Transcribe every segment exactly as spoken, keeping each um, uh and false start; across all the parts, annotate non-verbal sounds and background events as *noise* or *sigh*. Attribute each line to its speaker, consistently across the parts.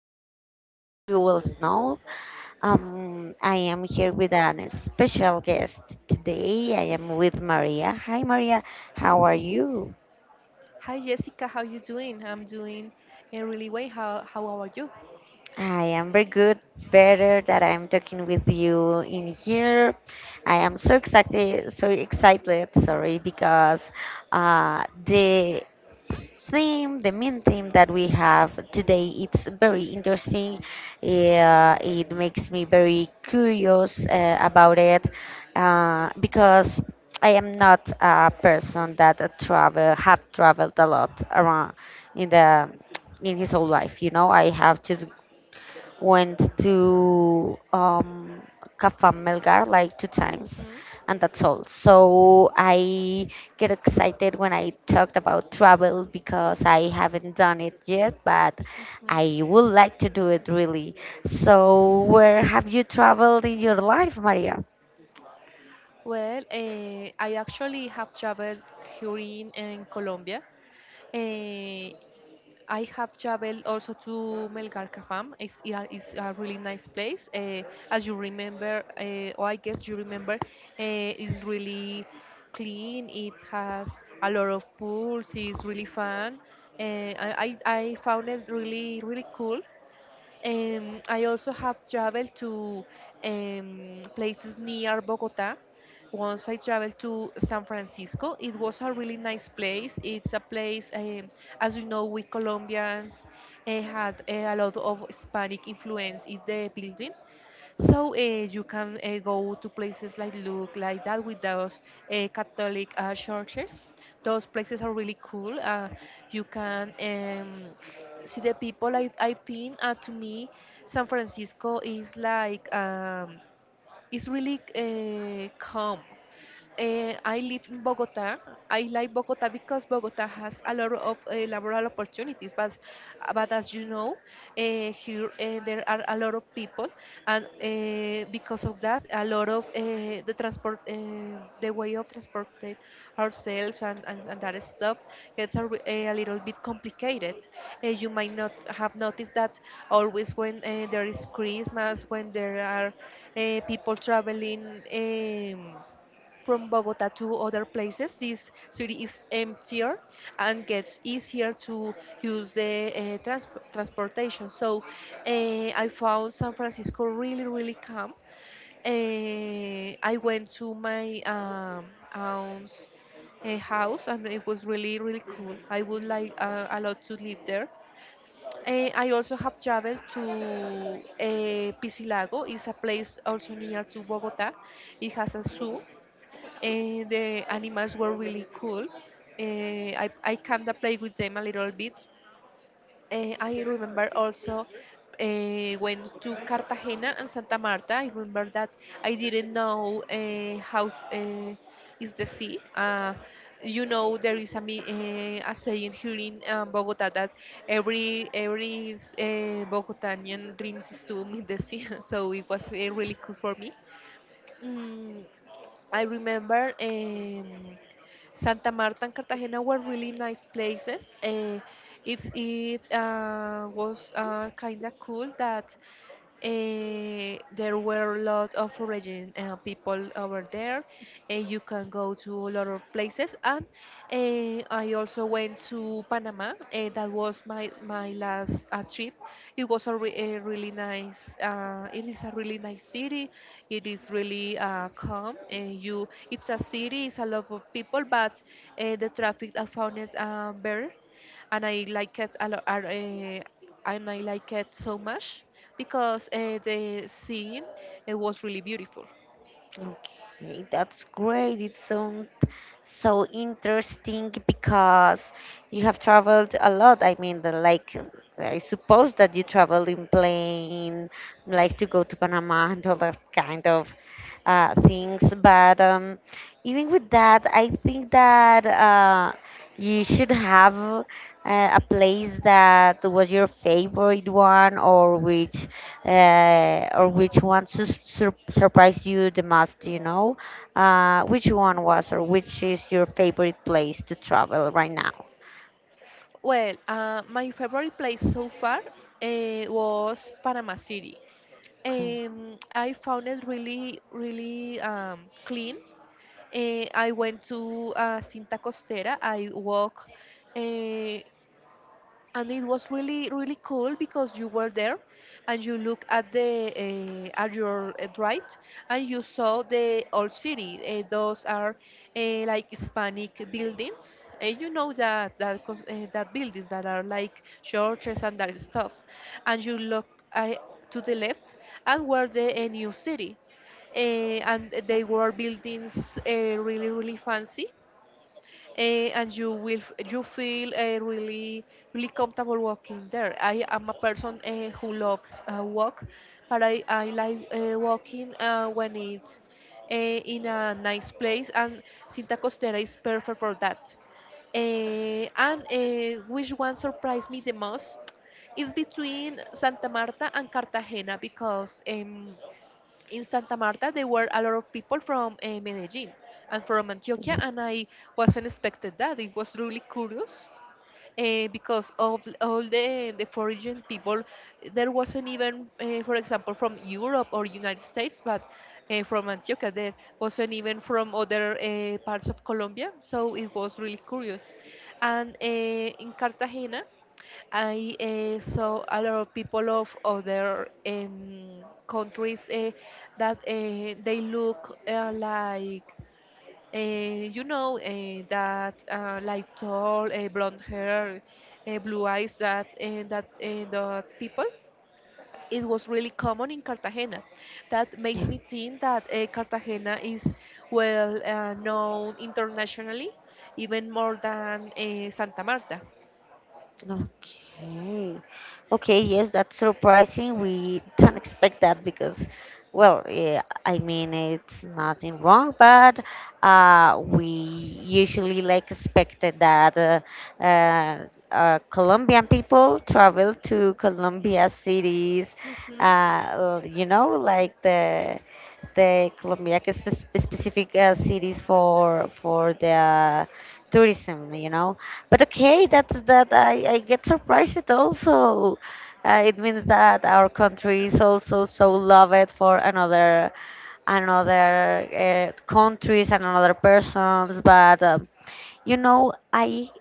Speaker 1: name is Jessica, as you will know. Um, I am here with a special guest today. I am with Maria. Hi, Maria. How are you?
Speaker 2: Hi Jessica, how you doing? I'm doing uh, really well. How how are you?
Speaker 1: I am very good. Better that I'm talking with you in here. I am so excited, so excited. Sorry, because uh, the theme, the main theme that we have today, it's very interesting. Yeah, it makes me very curious uh, about it, uh, because I am not a person that uh, travel have traveled a lot around in the in his whole life. You know, I have just went to um, Cafa Melgar like two times,
Speaker 2: Hmm.
Speaker 1: and that's all. So I get excited when I talked about travel because I haven't done it yet, but
Speaker 2: Hmm.
Speaker 1: I would like to do it really. So, where have you traveled in your life, Maria?
Speaker 2: Well, uh, I actually have traveled here in, in Colombia. Uh, I have traveled also to Melgarcafam. It's, yeah, it's a really nice place. Uh, as you remember, uh, or I guess you remember, uh, it's really clean. It has a lot of pools. It's really fun. Uh, I, I I found it really, really cool. Um, I also have traveled to um, places near Bogota. Once I traveled to San Francisco, it was a really nice place. It's a place, um, as you know, we Colombians uh, had eh, a lot of Hispanic influence in the building. So uh, you can uh, go to places like look like that with those uh, Catholic uh, churches. Those places are really cool. Uh, you can um, see the people. I I think uh, to me, San Francisco is like um, it's really uh, calm. Uh, I live in Bogota. I like Bogota because Bogota has a lot of uh, laboral opportunities, but but as you know, uh, here uh, there are a lot of people, and uh, because of that, a lot of uh, the transport, uh, the way of transporting ourselves and, and, and that stuff gets a, re- a little bit complicated. Uh, you might not have noticed that always when uh, there is Christmas, when there are uh, people traveling. Um, from Bogota to other places, this city is emptier and gets easier to use the uh, trans- transportation. So uh, I found San Francisco really, really calm. Uh, I went to my um, aunt's a house and it was really really cool. I would like uh, a lot to live there. Eh, I also have traveled to uh, Pisilago. It's a place also near to Bogota. It has a zoo. Eh, the animals were really cool. Eh, I, I kind of played with them a little bit. Eh, I remember also eh, went to Cartagena and Santa Marta. I remember that I didn't know eh, how eh, is the sea. Uh, you know there is a, mi- eh, a saying here in um, Bogota that every every uh, Bogotanian dreams is to meet the sea. *laughs* So it was eh, really cool for me. Mm, I remember. Um, Santa Marta and Cartagena were really nice places. Uh, it's it uh, was uh, kind of cool that Eh, there were a lot of religion uh, people over there, and you can go to a lot of places. And eh, I also went to Panama. Eh, that was my my last uh, trip. It was a, re- a really nice. Uh, it is a really nice city. It is really uh, calm. And you, it's a city. It's a lot of people, but uh, the traffic I found it uh, better and I like it a lot. Uh, and I like it so much because uh, the scene it was really beautiful.
Speaker 1: Okay, that's great. It sounds so interesting because you have traveled a lot. I mean, the, like, I suppose that you traveled in plane, like to go to Panama and all that kind of uh, things. But um, even with that, I think that uh, you should have uh, a place that was your favorite one, or which uh, or which one su- sur- surprised you the most you know uh, which one was, or which is your favorite place to travel right now?
Speaker 2: Well, uh, my favorite place so far uh, was Panama City.
Speaker 1: Okay.
Speaker 2: Um, I found it really, really um, clean. Uh, I went to uh, Cinta Costera. I walked uh, and it was really really cool because you were there and you look at the uh, at your uh, right and you saw the old city. Uh, those are uh, like Hispanic buildings, and you know that that cos- uh, that buildings that are like churches and that stuff. And you look uh, to the left and were the uh, new city uh, and they were buildings uh, really really fancy. Eh, and you will f- you feel uh, really really comfortable walking there. I am a person uh, who loves uh, walk, but I I like uh, walking uh, when it's uh, in a nice place, and Cinta Costera is perfect for that. Eh, and eh, which one surprised me the most is between Santa Marta and Cartagena because. em in Santa Marta, there were a lot of people from uh, Medellin and from Antioquia,
Speaker 1: Yeah,
Speaker 2: and I wasn't expected that. It was really curious uh, because of all the, the foreign people. There wasn't even, uh, for example, from Europe or United States, but uh, from Antioquia. There wasn't even from other uh, parts of Colombia, so it was really curious. And uh, in Cartagena, I uh, saw a lot of people of other um, countries uh, that uh, they look uh, like, uh, you know, uh, that uh, like tall, uh, blonde hair, uh, blue eyes, that uh, that uh, the people. It was really common in Cartagena. That makes
Speaker 1: yeah.
Speaker 2: me think that uh, Cartagena is well uh, known internationally, even more than uh, Santa Marta.
Speaker 1: Okay. Okay, yes, that's surprising. We don't expect that because, well, yeah, I mean, it's nothing wrong, but uh, we usually like expected that uh, uh, uh, Colombian people travel to Colombia cities,
Speaker 2: Mhm.
Speaker 1: uh, you know, like the the Colombia spe- specific uh, cities for for the tourism, you know. But okay, that's that I, I get surprised also. Uh, it means that our country is also so loved for another another uh, countries and another persons. But um, you know, I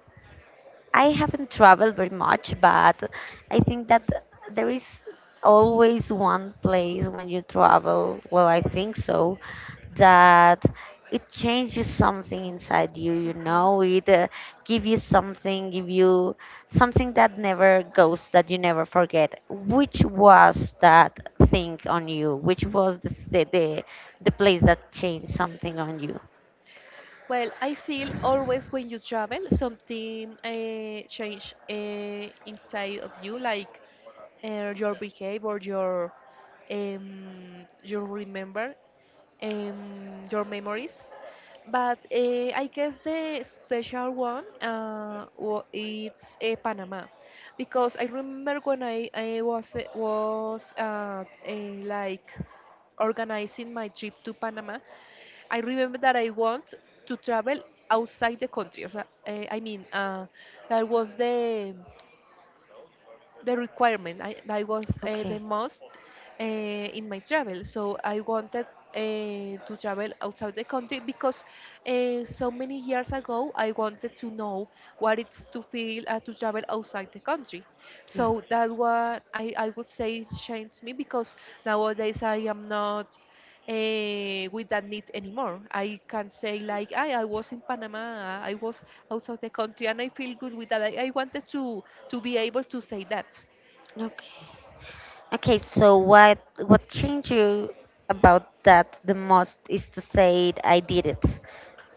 Speaker 1: I haven't traveled very much, but I think that there is always one place when you travel, well, I think so, that it changes something inside you, you
Speaker 2: Mhm.
Speaker 1: know, it uh, give you something, give you something that never goes, that you never forget. Which was that thing on you? Which was the ci- the, the place that changed something on you?
Speaker 2: Well, I feel always when you travel, something uh, change uh, inside of you, like uh, your behavior, your um, you remember um, your memories. But uh, I guess the special one uh, wa- it's uh, Panama, because I remember when I, I was eh, was uh, uh, like organizing my trip to Panama. I remember that I want to travel outside the country. O sea, eh, I mean, uh, that was the the requirement. I, that was uh, the
Speaker 1: Okay.
Speaker 2: most uh, in my travel. So I wanted uh, to travel outside the country because uh, so many years ago I wanted to know what it's to feel uh, to travel outside the country.
Speaker 1: Yeah.
Speaker 2: So that one I, I would say changed me because nowadays I am not eh, with that need anymore. I can say like, I, I was in Panama, I was out of the country, and I feel good with that. I, I wanted to to be able to say that.
Speaker 1: Okay. Okay, so what what changed you about that the most is to say I did it.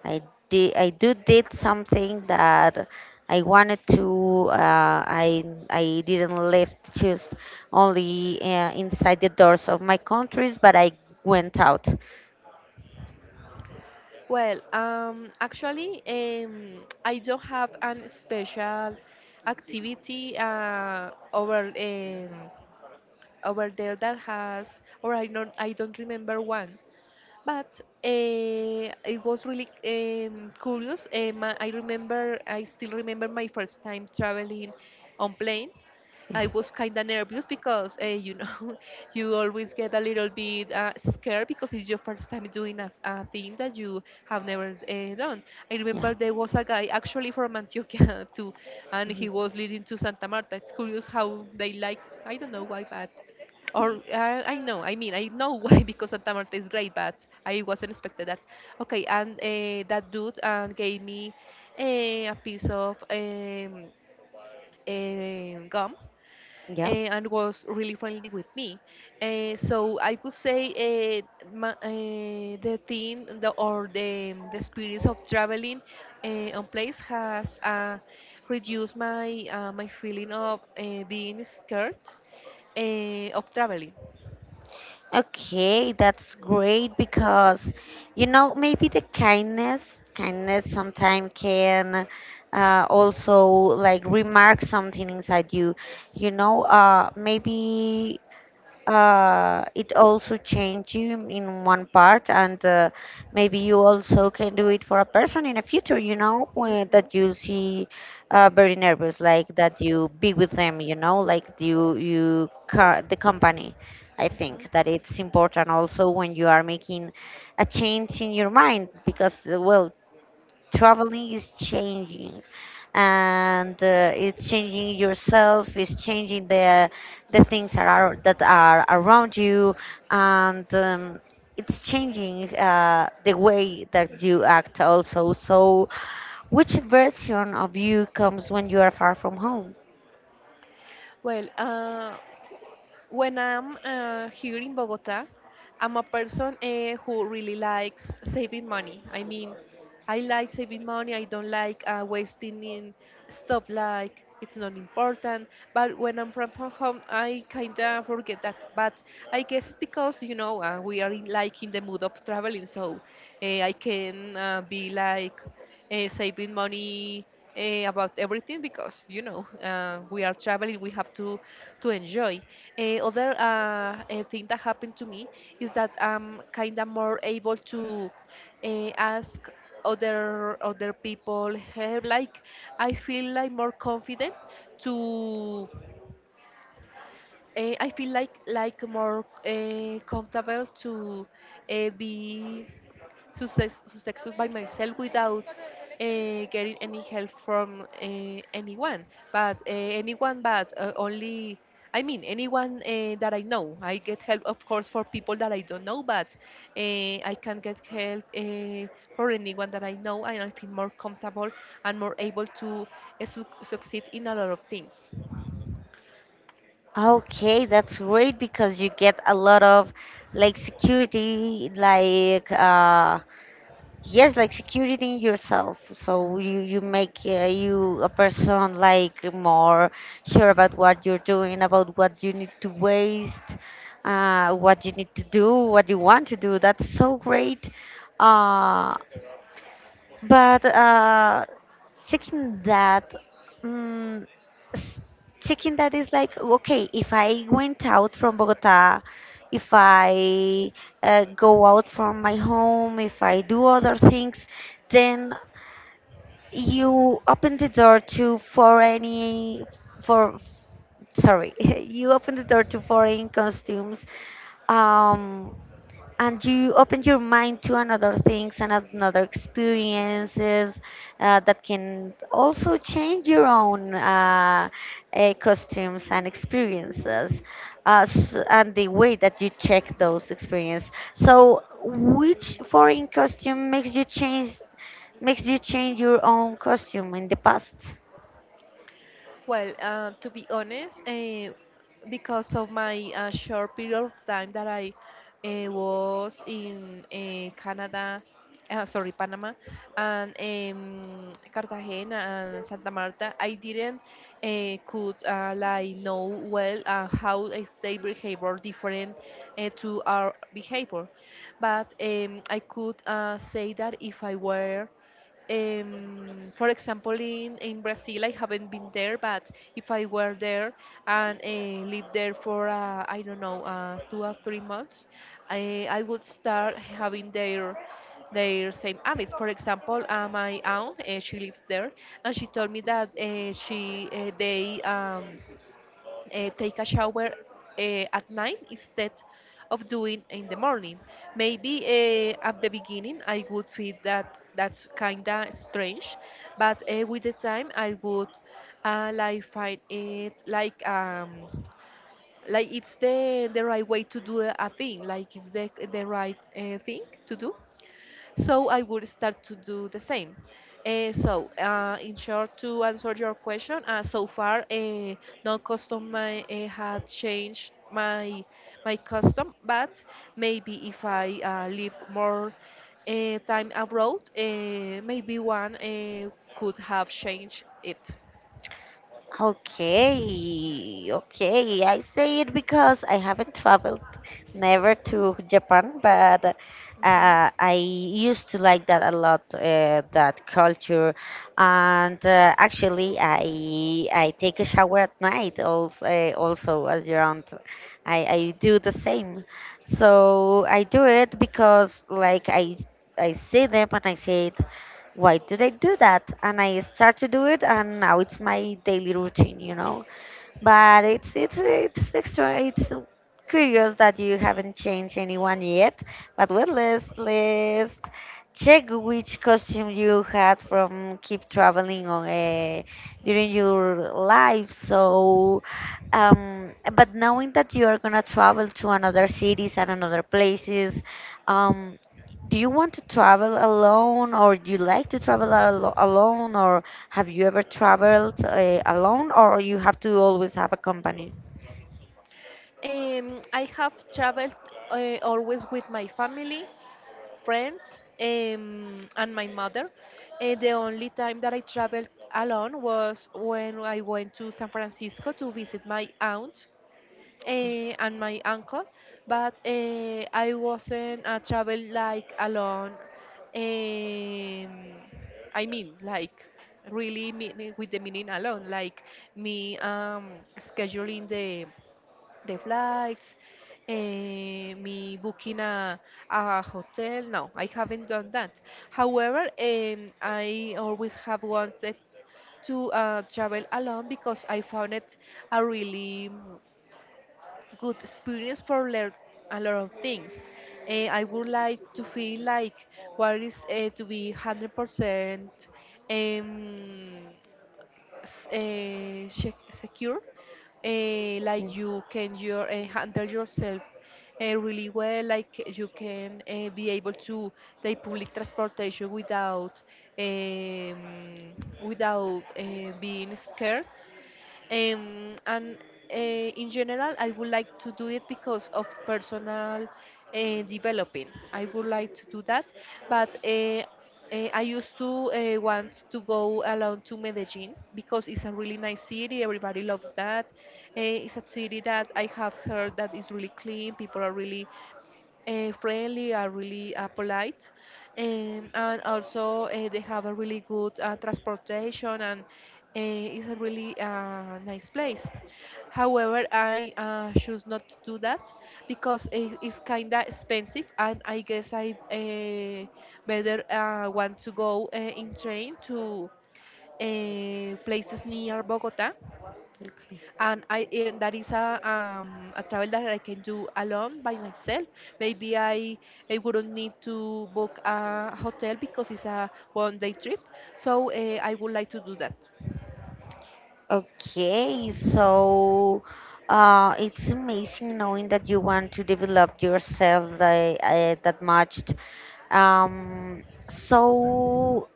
Speaker 1: I did I do did something that I wanted to. Uh, I I didn't live just only uh, inside the doors of my countries, but I went out.
Speaker 2: Well, um, actually, um, I don't have an special activity uh, over um, over there that has, or I don't I don't remember one. But uh, it was really um, curious. Uh, my, I remember, I still remember my first time traveling on plane.
Speaker 1: Yeah,
Speaker 2: I was kind of nervous because uh, you know *laughs* you always get a little bit uh, scared because it's your first time doing a, a thing that you have never uh, done. I
Speaker 1: yeah.
Speaker 2: remember there was a guy actually from Antioquia *laughs* too, and
Speaker 1: Mhm.
Speaker 2: he was leading to Santa Marta. It's curious how they like I don't know why, but or uh, I know, I mean, I know why *laughs* because Santa Marta is great, but I wasn't expected that. Okay, and uh, that dude uh, gave me uh, a piece of um, um, gum
Speaker 1: Yeah.
Speaker 2: uh, and was really friendly with me. Uh, so I could say uh, ma uh, the thing the, or the, the experience of traveling uh, on place has uh, reduced my uh, my feeling of uh, being scared uh, of traveling.
Speaker 1: Okay, that's great because you know maybe the kindness, kindness sometimes can uh, also like remark something inside you. You know, uh, maybe uh, it also changed you in one part, and uh, maybe you also can do it for a person in the future, you know when,
Speaker 2: Mhm.
Speaker 1: that you see uh, very nervous, like that you be with them, you know like you you ca- the company. I think
Speaker 2: Mhm.
Speaker 1: that it's important also when you are making a change in your mind because uh, well, traveling is changing, and uh, it's changing yourself, it's changing the the things that are that are around you, and um, it's changing uh, the way that you act also. So which version of you comes when you are far from home?
Speaker 2: Well, uh, when I'm uh, here in Bogota, I'm a person uh, who really likes saving money. I mean, I like saving money. I don't like uh, wasting in stuff like it's not important. But when I'm from from home, I kind of forget that. But I guess it's because you know uh, we are in, like in the mood of traveling, so uh, I can uh, be like uh, saving money uh, about everything because you know uh, we are traveling. We have to to enjoy. Uh, other uh, uh, thing that happened to me is that I'm kind of more able to uh, ask other other people help. Like I feel like more confident to. Uh, I feel like like more uh, comfortable to uh, be success, success by myself without uh, getting any help from uh, anyone. But uh, anyone, but uh, only, I mean, anyone uh, that I know. I get help, of course, for people that I don't know, but uh, I can get help uh, for anyone that I know, and I feel more comfortable and more able to uh, su- succeed in a lot of things.
Speaker 1: Okay, that's great because you get a lot of like security, like uh, yes, like security in yourself. So you you make uh, you a person like more sure about what you're doing, about what you need to waste, uh, what you need to do, what you want to do. That's so great. Uh, but uh, checking that, um, checking that is like, okay, if I went out from Bogota, if I uh, go out from my home, if I do other things, then you open the door. To for any for sorry, *laughs* you open the door to foreign costumes. Um, and you open your mind to another things and another experiences uh, that can also change your own uh, uh, costumes and experiences, uh, s- and the way that you check those experiences. So which foreign costume makes you change makes you change your own costume in the past?
Speaker 2: Well, uh, to be honest, uh, because of my uh, short period of time that I uh, was in uh, Canada, uh, sorry, Panama, and um, Cartagena and Santa Marta, I didn't uh, could uh, like know well uh, how is their behavior different uh, to our behavior. But um, I could uh, say that if I were um, for example, in, in Brazil, I haven't been there, but if I were there and uh, lived there for, uh, I don't know, uh, two or three months, I, I would start having their their same habits. For example, uh, my aunt, uh, she lives there, and she told me that uh, she uh, they um, uh, take a shower uh, at night instead of doing in the morning. Maybe uh, at the beginning I would feel that that's kinda strange, but uh, with the time I would uh, like find it like um like it's the the right way to do a thing, like it's the the right uh, thing to do. So I would start to do the same. Uh, so, uh, in short, to answer your question, uh, so far, uh, no custom I, uh, had changed my my custom, but maybe if I uh, live more uh, time abroad, uh, maybe one uh, could have changed it.
Speaker 1: Okay, okay. I say it because I haven't traveled never to Japan, but uh,
Speaker 2: Mhm.
Speaker 1: I used to like that a lot, uh, that culture. And uh, actually, I I take a shower at night also, uh, also as your aunt. I, I do the same. So I do it because like I I see them and I say, why did I do that? And I start to do it, and now it's my daily routine, you know? but it's it's it's extra it's curious that you haven't changed anyone yet. But well, let's let's check which costume you had from keep traveling on uh, during your life. So um but knowing that you are gonna travel to another cities and another places, um do you want to travel alone, or do you like to travel al- alone, or have you ever traveled uh, alone, or you have to always have a company?
Speaker 2: Um, I have traveled uh, always with my family, friends, um, and my mother. And the only time that I traveled alone was when I went to San Francisco to visit my aunt
Speaker 1: Okay.
Speaker 2: uh, and my uncle. But uh, I wasn't a travel like alone. Um, I mean, like really mean, with the meaning alone, like me um, scheduling the the flights, eh, me booking a, a hotel. No, I haven't done that. However, um, I always have wanted to uh, travel alone because I found it a really mm, good experience for learn a lot of things. Eh, I would like to feel like what is uh, to be one hundred percent um, uh, secure uh, like
Speaker 1: Mm.
Speaker 2: you can your, uh, handle yourself uh, really well like you can uh, be able to take public transportation without um, without uh, being scared, um, and uh, in general, I would like to do it because of personal uh, developing. I would like to do that, but uh, uh, I used to uh, want to go alone to Medellin because it's a really nice city. Everybody loves that. Uh, it's a city that I have heard that is really clean. People are really uh, friendly, are really uh, polite, um, and also uh, they have a really good uh, transportation, and uh, it's a really uh, nice place. However, I uh, choose not to do that because it, it's kind of expensive, and I guess I uh, better uh, want to go uh, in train to uh, places near Bogota,
Speaker 1: Okay.
Speaker 2: and I and that is a um, a travel that I can do alone by myself. Maybe I I wouldn't need to book a hotel because it's a one day trip. So uh, I would like to do that.
Speaker 1: Okay, so uh, it's amazing knowing that you want to develop yourself uh, uh, that much. Um, so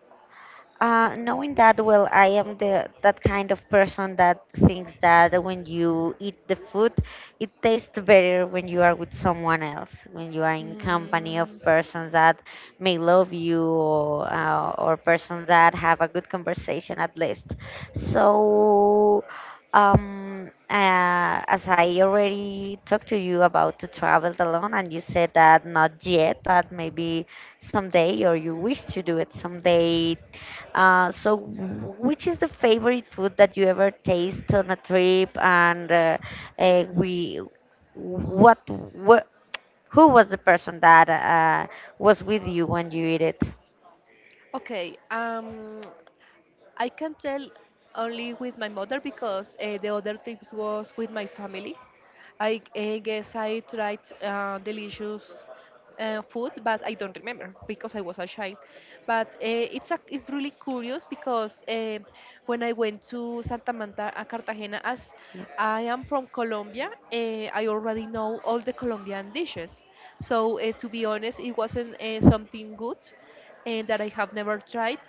Speaker 1: Uh, knowing that, well, I am the that kind of person that thinks that when you eat the food, it tastes better when you are with someone else, when you are in company of
Speaker 2: Mm,
Speaker 1: persons that may love you, or, uh, or persons that have a good conversation at least. So, um, uh, as I already talked to you about to travel alone, and you said that not yet, but maybe someday, or you wish to do it someday, uh, so, w- which is the favorite food that you ever taste on a trip? And uh, uh, we, what, what, who was the person that uh, was with you when you eat it?
Speaker 2: okay, um, I can tell only with my mother because uh, the other trips was with my family. I, I guess I tried uh, delicious uh, food, but I don't remember because I was a child. But uh, it's a, it's really curious because uh, when I went to Santa Marta, uh, Cartagena, as I am from Colombia, uh, I already know all the Colombian dishes. So uh, to be honest, it wasn't uh, something good uh, that I have never tried.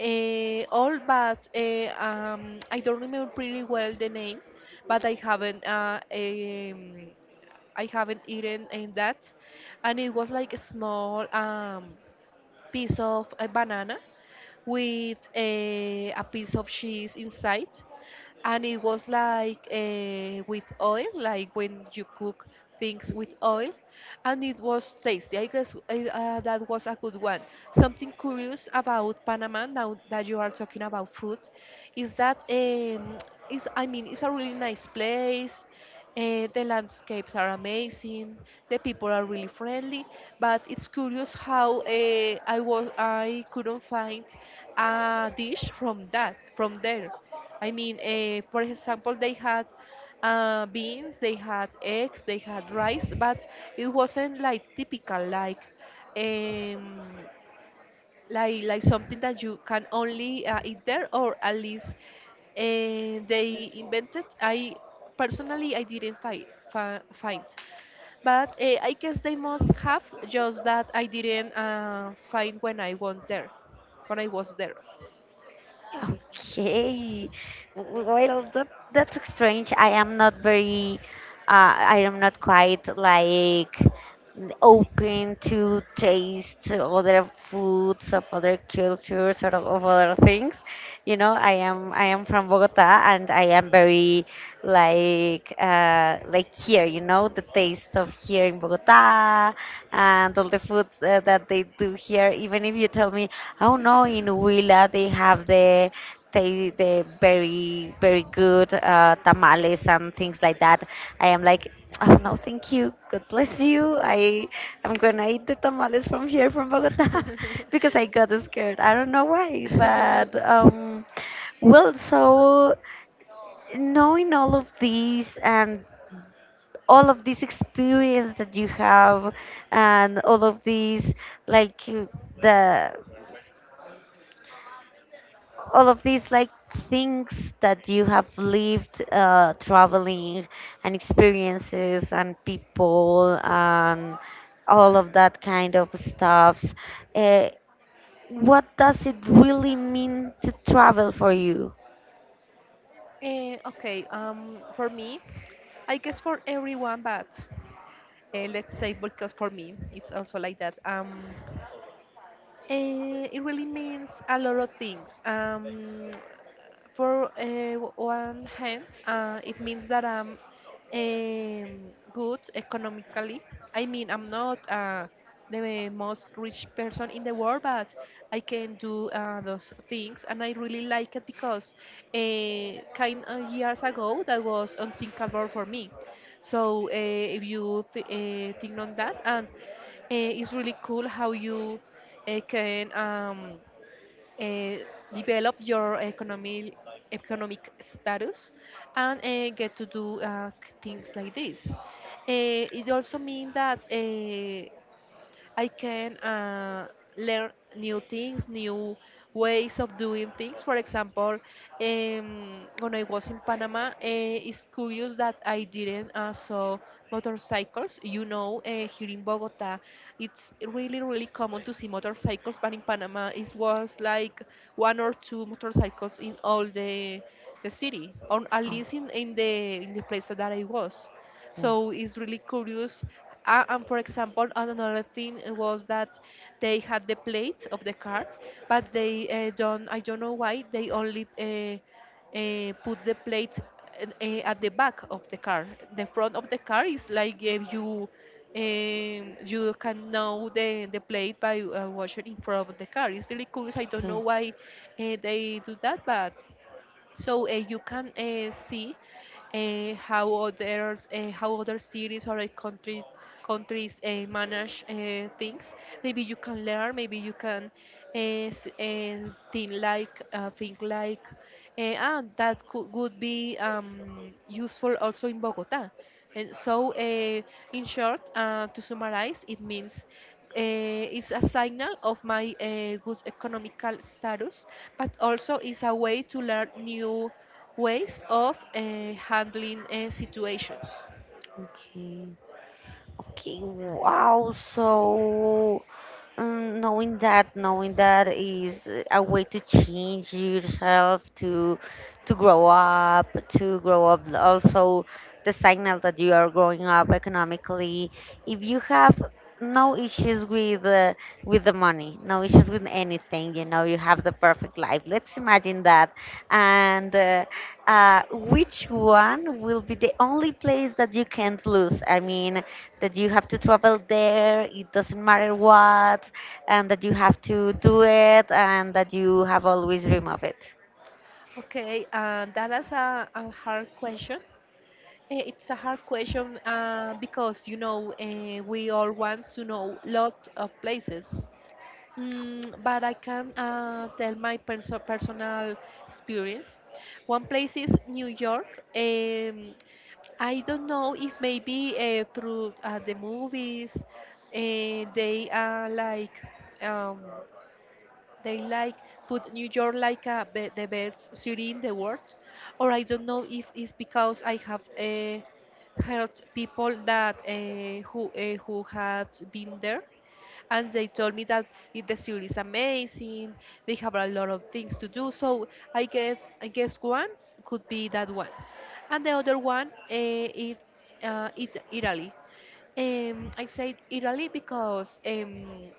Speaker 2: Uh, all but uh, um, I don't remember pretty well the name, but I haven't uh, um, I haven't eaten in that, and it was like a small um, piece of a banana with a, a piece of cheese inside, and it was like uh, with oil, like when you cook things with oil, and it was tasty. I guess uh, uh, that was a good one. Something curious about Panama now that you are talking about food is that, um, is I mean it's a really nice place. Uh, the landscapes are amazing. The people are really friendly, but it's curious how uh, I was I couldn't find a dish from that from there. I mean, uh, for example, they had uh, beans, they had eggs, they had rice, but it wasn't like typical, like um, like like something that you can only uh, eat there, or at least uh, they invented. I personally I didn't find find, but uh, I guess they must have just that I didn't uh, find when I went there, when I was there.
Speaker 1: Okay. Well, that that's strange. I am not very, uh, I am not quite like open to taste other foods of other cultures or of other things. You know, I am I am from Bogota, and I am very like uh, like here. You know, the taste of here in Bogota and all the food uh, that they do here. Even if you tell me, oh no, in Huila they have the they the very very good uh, tamales and things like that. I am like, oh no, thank you, God bless you. I am gonna eat the tamales from here from Bogota *laughs* because I got scared. I don't know why, but
Speaker 2: *laughs*
Speaker 1: um, well, so knowing all of these and all of this experience that you have, and all of these like uh, the all of these like things that you have lived, uh, traveling, and experiences, and people, and all of that kind of stuff, uh, what does it really mean to travel for you?
Speaker 2: Eh, okay, um, for me, I guess for everyone, but uh, let's say because for me, it's also like that. Um, eh, it really means a lot of things. Um, for uh, one hand, uh, it means that I'm um, good economically. I mean, I'm not uh, the most rich person in the world, but I can do uh, those things, and I really like it because uh, kind of years ago that was unthinkable for me. So uh, if you th- uh, think on that, and uh, it's really cool how you uh, can. Um, uh, Develop your economic economic status and uh, get to do uh, c- things like this. Uh, it also means that uh, I can uh, learn new things, new ways of doing things. For example, um, when I was in Panama, uh, it's curious that I didn't uh, saw motorcycles. You know, uh, here in Bogota, it's really, really common to see motorcycles, but in Panama, it was like one or two motorcycles in all the the city, or at
Speaker 1: Oh.
Speaker 2: least in, in the in the place that I was.
Speaker 1: Oh.
Speaker 2: So it's really curious, uh, and for example, and another thing was that they had the plates of the car, but they uh, don't. I don't know why they only uh, uh, put the plate uh, uh, at the back of the car. The front of the car is like if you um, you can know the the plate by uh, watching in front of the car. It's really curious. I don't
Speaker 1: Okay.
Speaker 2: know why uh, they do that, but so uh, you can uh, see uh, how others uh, how other cities or uh, countries countries uh, manage uh, things. Maybe you can learn, maybe you can uh, s- uh, think like, uh, think like uh, and that could, would be um, useful also in Bogota. And so, uh, in short, uh, to summarize, it means, uh, is a signal of my uh, good economical status, but also is a way to learn new ways of uh, handling uh, situations.
Speaker 1: Okay. Okay, wow. So, um, knowing that, knowing that, is uh, a way to change yourself, to to grow up, to grow up. Also, the signal that you are growing up economically. If you have no issues with uh, with the money, no issues with anything, you know, you have the perfect life. Let's imagine that, and. Uh, uh, which one will be the only place that you can't lose? I mean, that you have to travel there, it doesn't matter what, and that you have to do it, and that you have always dream of it.
Speaker 2: Okay, uh, that is a, a hard question. Eh, It's a hard question uh, because you know uh, we all want to know lot of places. Mm, but I can uh, tell my perso- personal experience. One place is New York. Um, I don't know if maybe uh, through uh, the movies uh, they are like, um, they like put New York like a be the best city in the world, or I don't know if it's because I have uh, heard people that uh, who uh, who had been there and they told me that it, the city is amazing. They have a lot of things to do. So I guess I guess one could be that one, and the other one uh, it's uh, it, Italy. Um, I said Italy because um,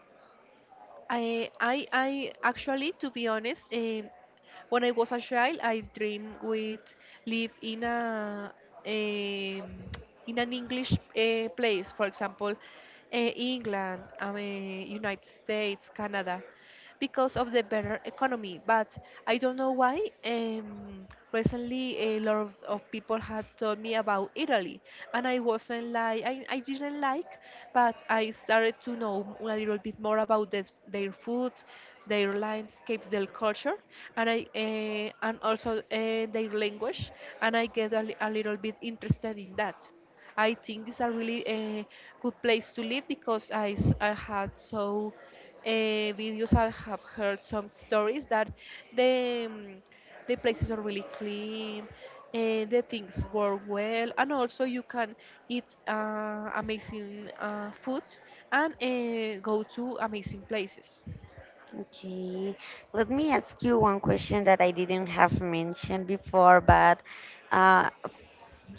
Speaker 2: I I I actually, to be honest, um, when I was a child, I dream with live in a um, in an English uh, place, for example, uh, England, um, uh, United States, Canada, because of the better economy. But I don't know why. Um, recently, a lot of, of people had told me about Italy, and I wasn't like I, I didn't like, but I started to know a little bit more about this, their food, their landscapes, their culture, and I uh, and also uh, their language, and I get a, li- a little bit interested in that. I think it's a really uh, good place to live because I, s- I had so uh, videos. I have heard some stories that the um, the places are really clean, uh, the things work well, and also you can eat uh, amazing uh, food and uh, go to amazing places.
Speaker 1: Okay, let me ask you one question that I didn't have mentioned before, but uh,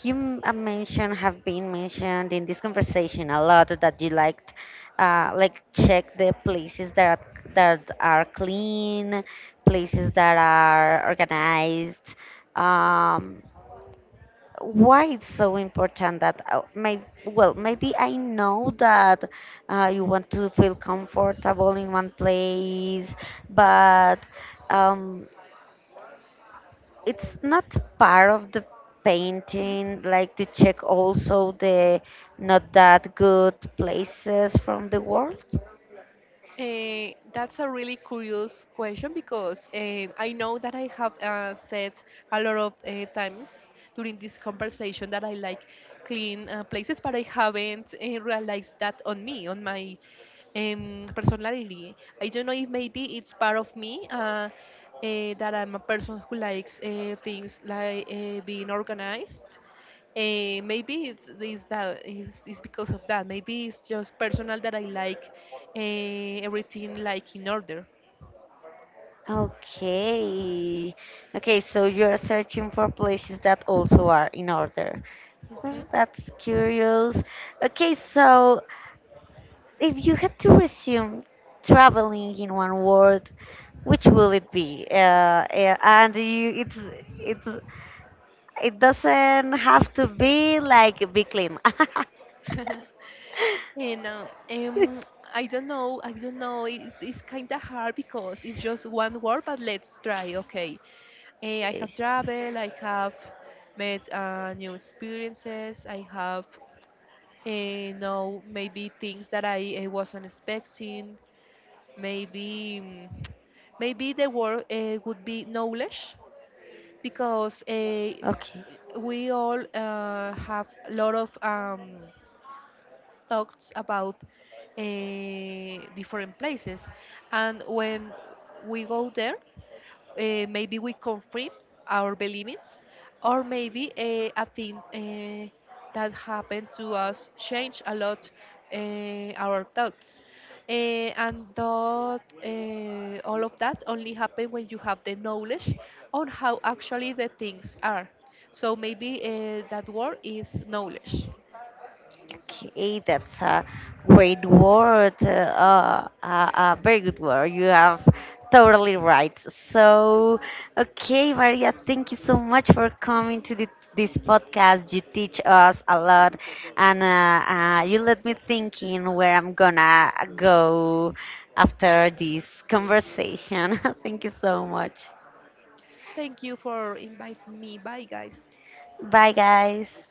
Speaker 1: you m- uh, mentioned have been mentioned in this conversation a lot that you liked, uh, like check the places that that are clean, places that are organized. Um, why it's so important that uh, may well maybe I know that uh, you want to feel comfortable in one place, but um, it's not part of the painting like to check also the not that good places from the world?
Speaker 2: Uh, that's a really curious question because uh, I know that I have uh, said a lot of uh, times during this conversation that I like clean uh, places, but I haven't uh, realized that on me, on my um, personality. I don't know if maybe it's part of me, uh, eh, that I'm a person who likes uh, things like uh, being organized. Uh, maybe it's, it's that it's, it's because of that. Maybe it's just personal that I like uh, everything like in order.
Speaker 1: Okay. Okay, so you're searching for places that also are in order.
Speaker 2: Mhm.
Speaker 1: Well, that's curious. Okay, so if you had to resume traveling in one word, which will it be? Uh, uh, and you, it's it's it doesn't have to be like a big claim. *laughs*
Speaker 2: *laughs* And uh, um, I don't know, I don't know. It's, it's kind of hard because it's just one word, but let's try. Okay. Eh, I have
Speaker 1: Okay.
Speaker 2: traveled, I have met uh, new experiences, I have, you know, maybe things that I, uh wasn't expecting. Maybe, mm, maybe the word uh, would be knowledge because uh,
Speaker 1: Okay.
Speaker 2: we all uh, have a lot of. Um, talks about uh, different places. And when we go there, uh, maybe we confirm our beliefs, or maybe uh, a thing uh, that happened to us change a lot uh, our thoughts. Eh, and that eh, all of that only happen when you have the knowledge on how actually the things are. So maybe, eh, that word is knowledge.
Speaker 1: Okay, that's a great word. Uh, uh, a very good word. You have totally right. So, okay, Maria, thank you so much for coming to the, this podcast. You teach us a lot, and uh, uh, you let me thinking where I'm gonna go after this conversation. *laughs* Thank you so much.
Speaker 2: Thank you for inviting me. Bye, guys.
Speaker 1: Bye, guys.